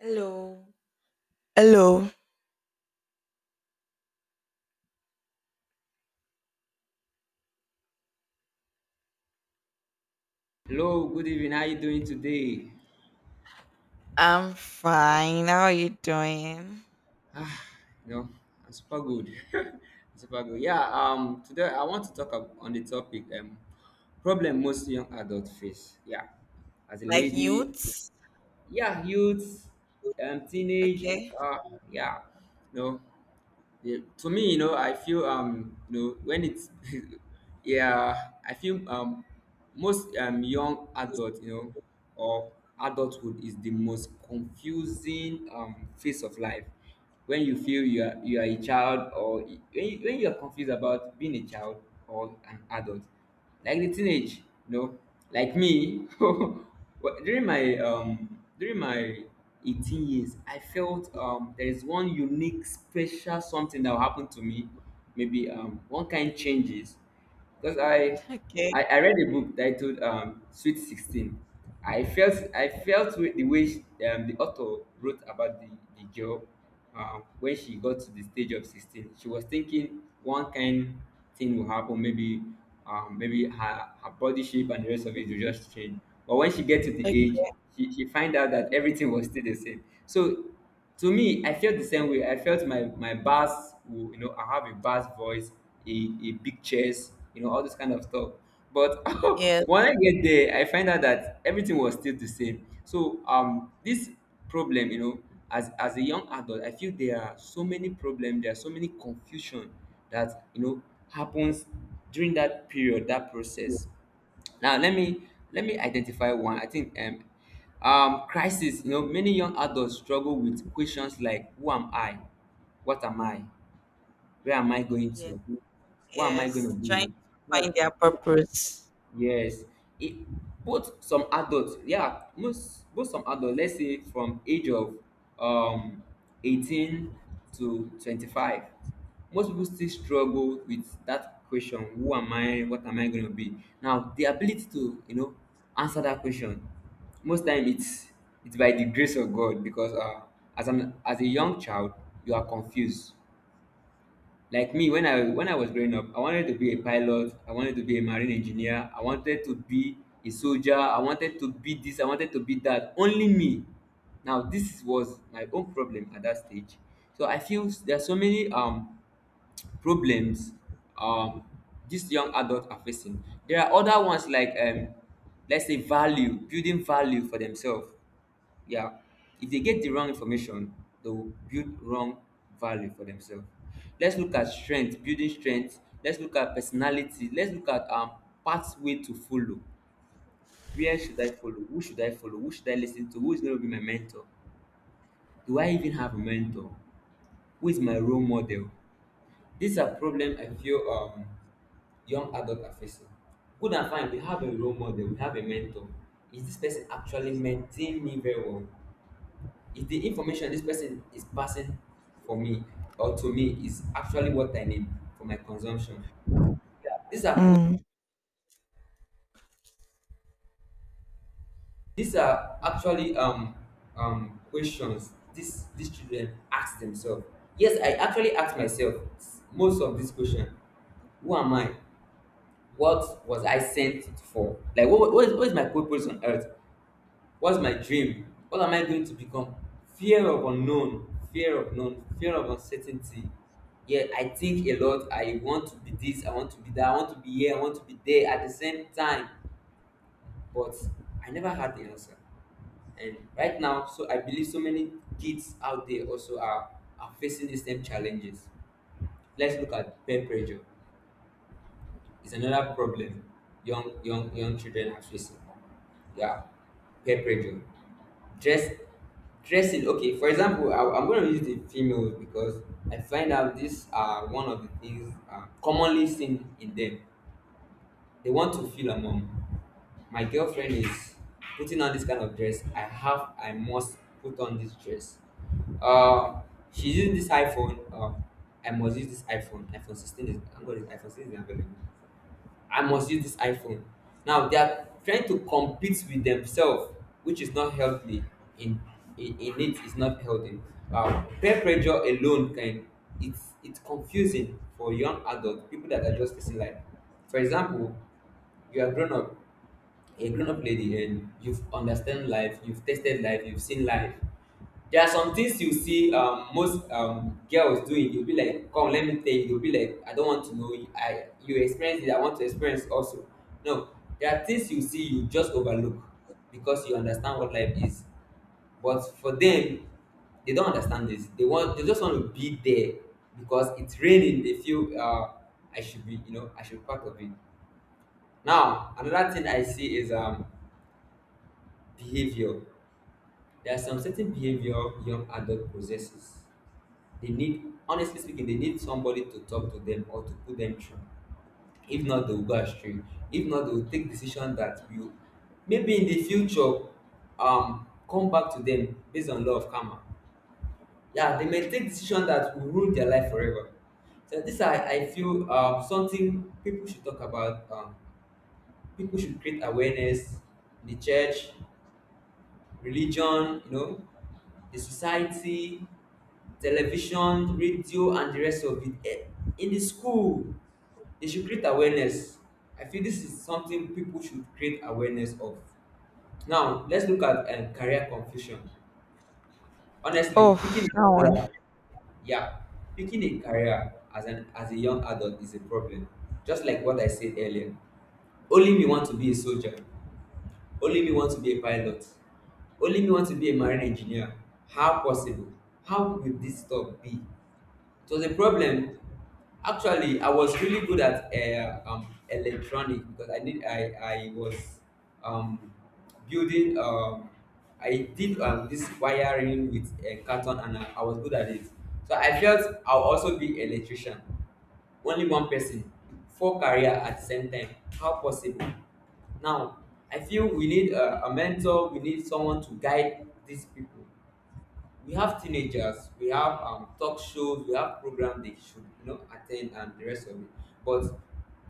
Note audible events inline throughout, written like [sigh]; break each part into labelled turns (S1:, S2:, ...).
S1: Hello. Hello.
S2: Hello, good evening. How you doing today?
S1: I'm fine. How are you doing?
S2: Ah, you know, I'm super good. [laughs]
S1: Okay.
S2: I'm super good. Yeah, today I want to talk on the topic problem most young adults face. Yeah. As a
S1: Like
S2: lady,
S1: youths?
S2: yeah, youth, teenage,
S1: Okay. [laughs]
S2: yeah. No. Yeah, to me, you know, I feel when it's [laughs] yeah, I feel most young adult, you know, or adulthood is the most confusing phase of life. When you feel you are a child, or when you are confused about being a child or an adult, like the teenage, you know, like me. [laughs] Well, during my during my 18 years, I felt there is one unique, special something that will happen to me. Maybe one kind changes because I,
S1: Okay.
S2: I I read a book titled Sweet Sixteen. I felt with the way the author wrote about the girl when she got to the stage of 16 she was thinking one kind thing will happen, maybe maybe her body shape and the rest of it will just change. But when she get to the age
S1: Okay.
S2: she find out that everything was still the same. So to me I felt the same way. I felt my bass will, you know, I have a bass voice, a big chest, you know, all this kind of stuff, but [laughs]
S1: Yes.
S2: when I get there I find out that everything was still the same. So this problem, you know, as a young adult I feel there are so many problems, there are so many confusion that, you know, happens during that period, that process. Now let me identify one. I think crisis, you know, many young adults struggle with questions like who am I, what am I, where am I going
S1: Yes.
S2: to, what am I going to
S1: Yes. Trying
S2: be,
S1: to find
S2: what?
S1: their purpose.
S2: Yes, it both some adults, yeah, most both some adults, let's say from age of um 18 to 25, most people still struggle with that question, who am I, what am I gonna be? Now the ability to, you know, answer that question, most time it's by the grace of God because as an as a young child, you are confused. Like me, when I was growing up, I wanted to be a pilot. I wanted to be a marine engineer. I wanted to be a soldier. I wanted to be this. I wanted to be that. Only me. Now this was my own problem at that stage. So I feel there are so many problems um these young adults are facing. There are other ones like let's say value, building value for themselves. Yeah, if they get the wrong information, they will build wrong value for themselves. Let's look at strength, building strength. Let's look at personality. Let's look at pathway to follow. Where should I follow? Who should I follow? Who should I listen to? Who is going to be my mentor? Do I even have a mentor? Who is my role model? These are problems I feel young adults are facing. Good and fine, we have a role model, we have a mentor. Is this person actually mentoring me very well? Is the information this person is passing for me or to me is actually what I need for my consumption? These are
S1: Mm.
S2: these are actually questions these children ask themselves. Yes, I actually ask myself most of these questions. Who am I? What was I sent for? Like what is my purpose on earth? What's my dream? What am I going to become? Fear of unknown, fear of known, fear of uncertainty. Yeah, I think a lot. I want to be this, I want to be that, I want to be here, I want to be there at the same time, but I never had the answer. And right now, so I believe so many kids out there also are facing these same challenges. Let's look at peer pressure. It's another problem young children are facing. Yeah, peer pressure. dress Dressing. Okay, for example, I'm going to use the females because I find out these are one of the things commonly seen in them. They want to feel a mom. My girlfriend is putting on this kind of dress, I must put on this dress. uh she's using this iphone. I must use this iphone 16 is I'm going to iphone 16 is available. I must use this iPhone. Now they are trying to compete with themselves, which is not healthy. In in It is not healthy. Wow, peer pressure alone can, it's confusing for young adults, people that are just facing life. For example, you are grown up, a grown-up lady, and you've understand life, you've tasted life, you've seen life. There are some things you see most girls doing. You'll be like, "Come, let me tell you." You'll be like, "I don't want to know. I you experience it. I want to experience also." No, there are things you see you just overlook because you understand what life is. But for them, they don't understand this. They just want to be there because it's raining. They feel I should be, you know, I should be part of it. Now another thing I see is behavior. There are some certain behavior young adult possesses. They need, honestly speaking, they need somebody to talk to them or to put them through. If not, they will go astray. If not, they will take decision that will, maybe in the future, come back to them based on law of karma. Yeah, they may take decision that will ruin their life forever. So this I feel something people should talk about. People should create awareness in the church, religion, you know, the society, television, radio, and the rest of it. In the school, they should create awareness. I feel this is something people should create awareness of. Now, let's look at career confusion. Honestly,
S1: Oh,
S2: picking
S1: that
S2: a
S1: one.
S2: career, yeah, picking a career as an as a young adult is a problem. Just like what I said earlier, only me want to be a soldier. Only me want to be a pilot. Only me want to be a marine engineer. How possible? How will dis talk be? It was a problem. Actually, I was really good at electronic because I was um, building, I did this wiring with a carton and I was good at it. So I felt I'll also be electrician. Only one person, four career at the same time. How possible? Now, I feel we need a mentor. We need someone to guide these people. We have teenagers, we have talk shows, we have programs they should, you know, attend and the rest of it. But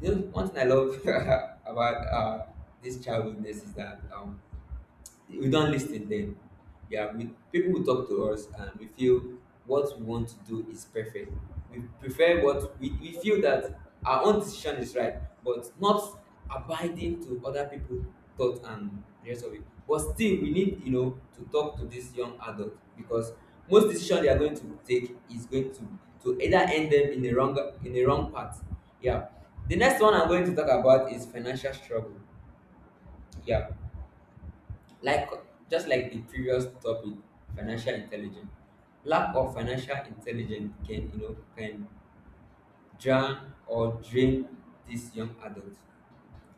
S2: you know, one thing I love [laughs] about this childhoodness is that we don lis ten dem. Yeah, we people will talk to us and we feel what we want to do is perfect. We prefer what we feel that our own decision is right, but not abiding to other people thought and the rest of it. But still we need, you know, to talk to this young adult because most decision they are going to take is going to either end them in the wrong, in the wrong path. Yeah, the next one I'm going to talk about is financial struggle. Yeah, like just like the previous topic, financial intelligence. Lack of financial intelligence can, you know, can drown or drain these young adults.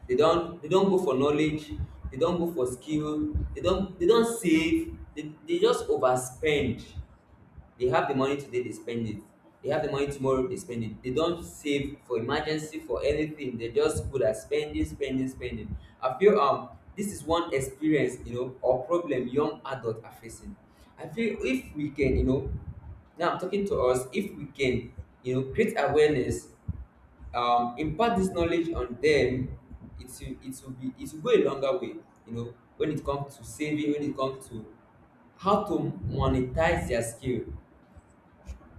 S2: They don't go for knowledge, they don't go for skill, they don't save, they just overspend. They have the money today, they spend it. They have the money tomorrow, they spend it. They don't save for emergency for anything. They're just good at spending, spending, spending. I feel this is one experience, you know, or problem young adults are facing. I feel if we can, you know, now I'm talking to us, if we can, you know, create awareness, impart this knowledge on them. It will go a longer way, you know, when it comes to saving, when it comes to how to monetize their skill.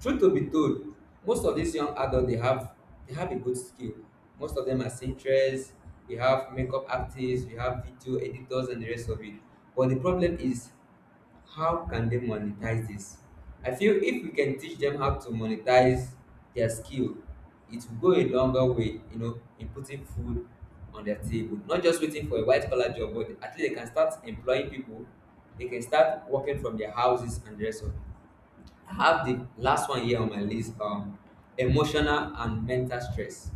S2: Truth to be told, most of these young adults they have a good skill. Most of them are seamstresses, we have makeup artists, we have video editors and the rest of it. But the problem is how can they monetize this? I feel if we can teach them how to monetize their skill, it will go a longer way, you know, in putting food on their table. Not just waiting for a white collar job, but at least they can start employing people, they can start working from their houses and the rest of it. I have the last one here on my list. Emotional and mental stress.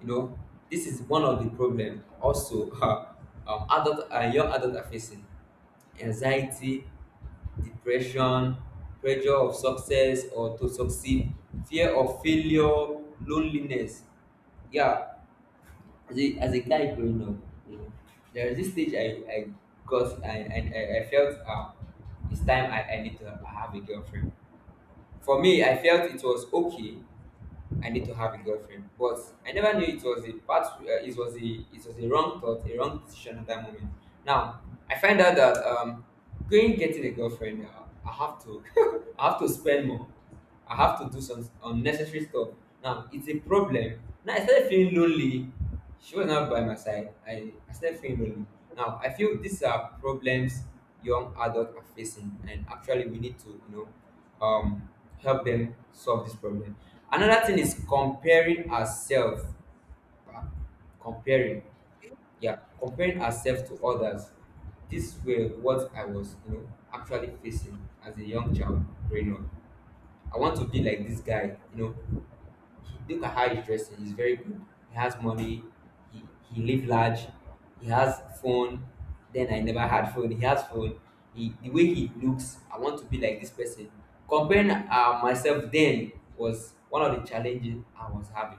S2: You know, this is one of the problem. Also, [laughs] adult and young adult are facing anxiety, depression, pressure of success or to succeed, fear of failure, loneliness. Yeah, as as a guy growing up, you know, there is this stage I got, and I felt it's time I need to have a girlfriend. For me, I felt it was okay, I need to have a girlfriend. But I never knew it was a part. It was a, it was a wrong thought, a wrong decision at that moment. Now I find out that going getting a girlfriend, I have to, [laughs] I have to spend more. I have to do some unnecessary stuff. Now it's a problem. Now I started feeling lonely. She was not by my side. I started feeling lonely. Now I feel these are problems young adults are facing, and actually we need to, you know, help them solve this problem. Another thing is comparing ourselves. uh, Comparing, yeah, comparing ourselves to others. This were what I was, you know, actually facing as a young child growing up. I want to be like this guy, you know. Look at how he's dressing. He's very good. He has money. He he live large. He has phone. Then I never had phone. He has phone. He, the way he looks, I want to be like this person. Comparing myself then was one of the challenges I was having.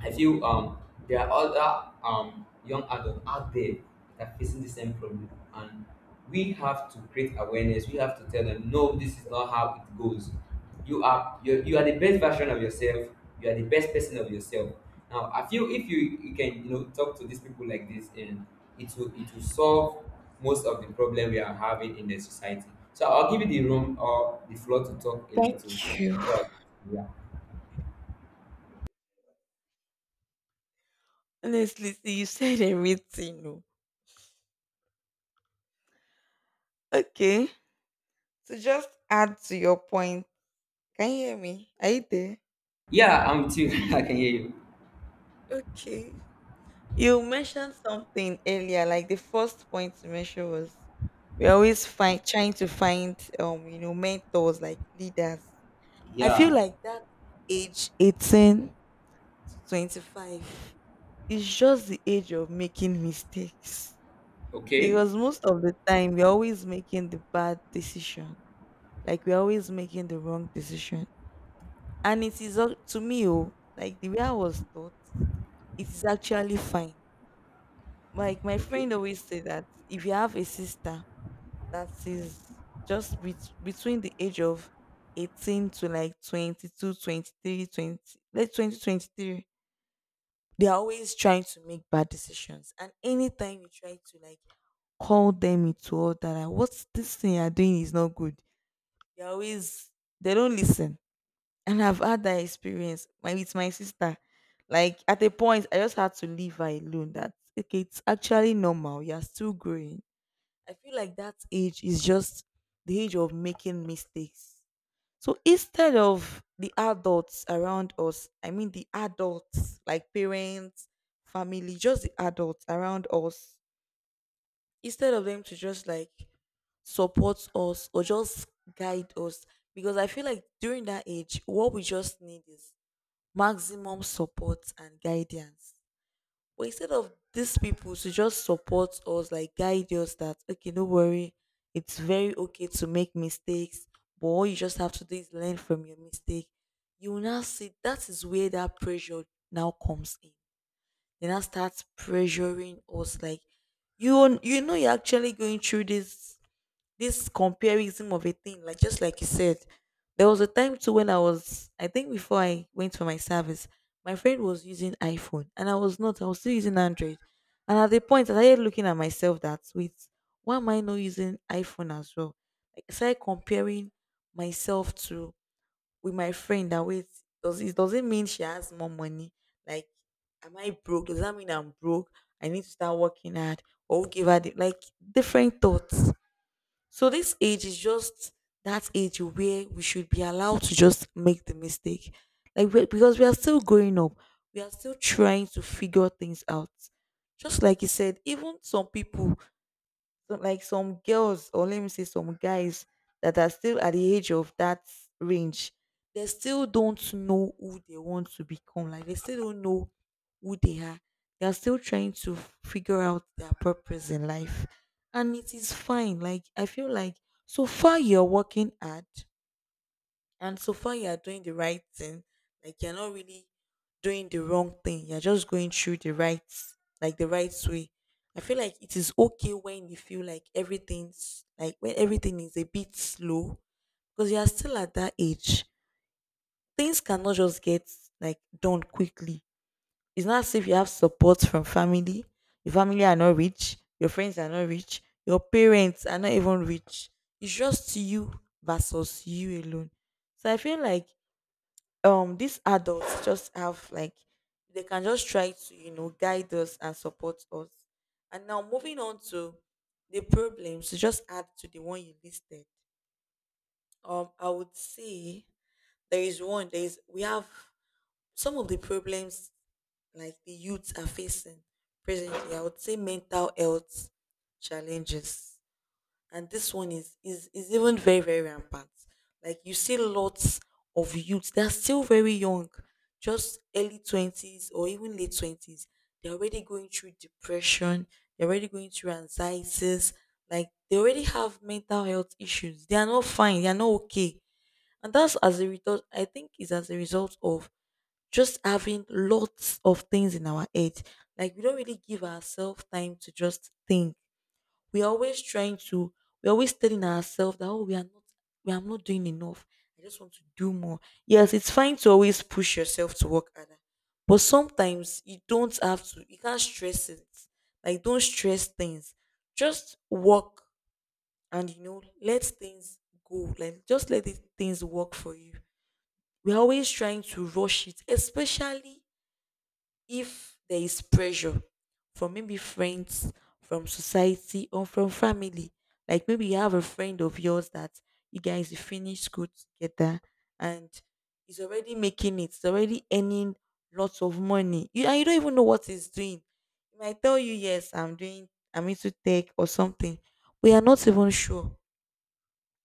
S2: I feel there are other young adults out there that are facing the same problem, and we have to create awareness. We have to tell them, no, this is not how it goes. You are you are the best version of yourself. You are the best person of yourself. Now, I feel if you can, you know, talk to these people like this, and it will solve most of the problem we are having in the society. So I'll give you the room or the floor to talk a little
S1: Thank you.
S2: before. Yeah,
S1: Honestly, see, you said everything. Oh. Okay. So just add to your point. Can you hear me? Are you there?
S2: yeah, I'm with you. [laughs] I can hear you.
S1: Okay. You mentioned something earlier, like the first point to mention was we always find trying to find mentors like leaders. I feel
S2: Yeah.
S1: like that age 18 to 25 is just the age of making mistakes
S2: Okay.
S1: because most of the time we're always making the bad decision, like we're always making the wrong decision. And it is up to me. Oh, like the way I was taught, it is actually fine. Like my
S2: Okay.
S1: friend always say that if you have a sister that is just between the age of 18 to like 22, 23, 20, like 20, 23, they are always trying to make bad decisions. And anytime you try to, like, call them into order, like, what's this thing you're doing is not good. They are always they don't listen. And I've had that experience with my sister. Like at a point, I just had to leave her alone. That, okay, it's actually normal. You're still growing. I feel like that age is just the age of making mistakes. So instead of the adults around us, I mean the adults like parents, family, just the adults around us, instead of them to just like support us or just guide us, because I feel like during that age, what we just need is maximum support and guidance, but instead of these people to just support us, like guide us that, okay, no worry, it's very okay to make mistakes, but all you just have to do is learn from your mistake. You will now see that is where that pressure now comes in. They now start pressuring us, like, you're actually going through this comparison of a thing, like, just like you said. There was a time too when I was, I think, before I went for my service, my friend was using iPhone and I was not. I was still using Android. And at the point, I started looking at myself that, wait, why am I not using iPhone as well? Like, I started comparing myself to with my friend that, wait, doesn't mean she has more money. Like, am I broke? Does that mean I'm broke? I need to start working hard. Or who gave her the, like, different thoughts? So this age is just that age where we should be allowed to just make the mistake. Like, we because we are still growing up. We are still trying to figure things out. Just like you said, even some people, so like some girls, or let me say some guys, that are still at the age of that range, they still don't know who they want to become. Like, they still don't know who they are. They are still trying to figure out their purpose in life. And it is fine. Like, I feel like so far you're working hard, and so far you are doing the right thing, like, you're not really doing the wrong thing. You're just going through the right like the right way. I feel like it is okay when you feel like everything's like when everything is a bit slow because you are still at that age. Things cannot just get, like, done quickly. It's not as if you have support from family. Your family are not rich, your friends are not rich, your parents are not even rich. It's just you versus you alone. So I feel like these adults just have, like, they can just try to guide us and support us. And now, moving on to the problems, to just add to the one you listed, I would say there is one there is we have some of the problems, like, the youths are facing presently. I would say mental health challenges, and this one is even very, very rampant. Like, you see lots of youths, they're still very young, just early 20s or even late 20s. They're already going through depression, they're already going through anxieties, like, they already have mental health issues. They are not fine, they are not okay. And that's, as a result, I think, is as a result of just having lots of things in our head. Like, we don't really give ourselves time to just think. we're always trying to, we're always telling ourselves that, oh, we are not doing enough. I just want to do more. Yes, it's fine to always push yourself to work harder. But sometimes you don't have to, you can't stress it. Like, don't stress things. Just work and, let things go. Like, things work for you. We're always trying to rush it, especially if there is pressure from maybe friends, from society, or from family. Like, maybe you have a friend of yours that you finish school together, and he's already making it, he's already earning lots of money. You don't even know what he's doing. He might tell you, yes, I'm into tech or something. We are not even sure.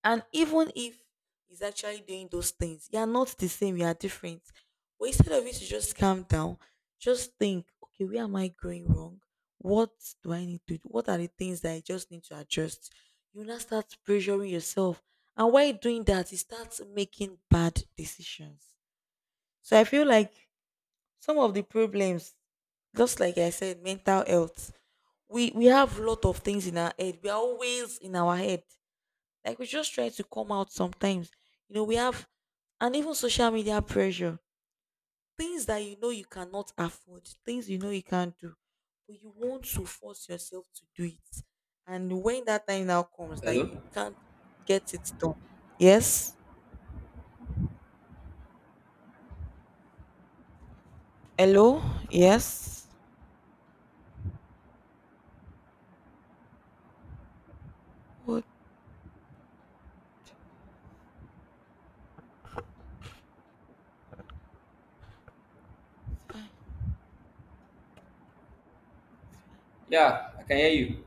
S1: And even if he's actually doing those things, you're not the same, you are different. But instead of you to just calm down, just think, okay, where am I going wrong? What do I need to do? What are the things that I just need to adjust? You now start pressuring yourself. And while doing that, you start making bad decisions. So I feel like some of the problems, just like I said, mental health, we have a lot of things in our head. We are always in our head, like, we just try to come out sometimes. You know, we have and even social media pressure, things that you know you cannot afford, things you know you can't do, but you want to force yourself to do it. And when that time now comes that
S2: Hello.
S1: you can't get it done. Yes. Hello? Yes. What? It's fine. It's fine.
S2: Yeah, I can hear you.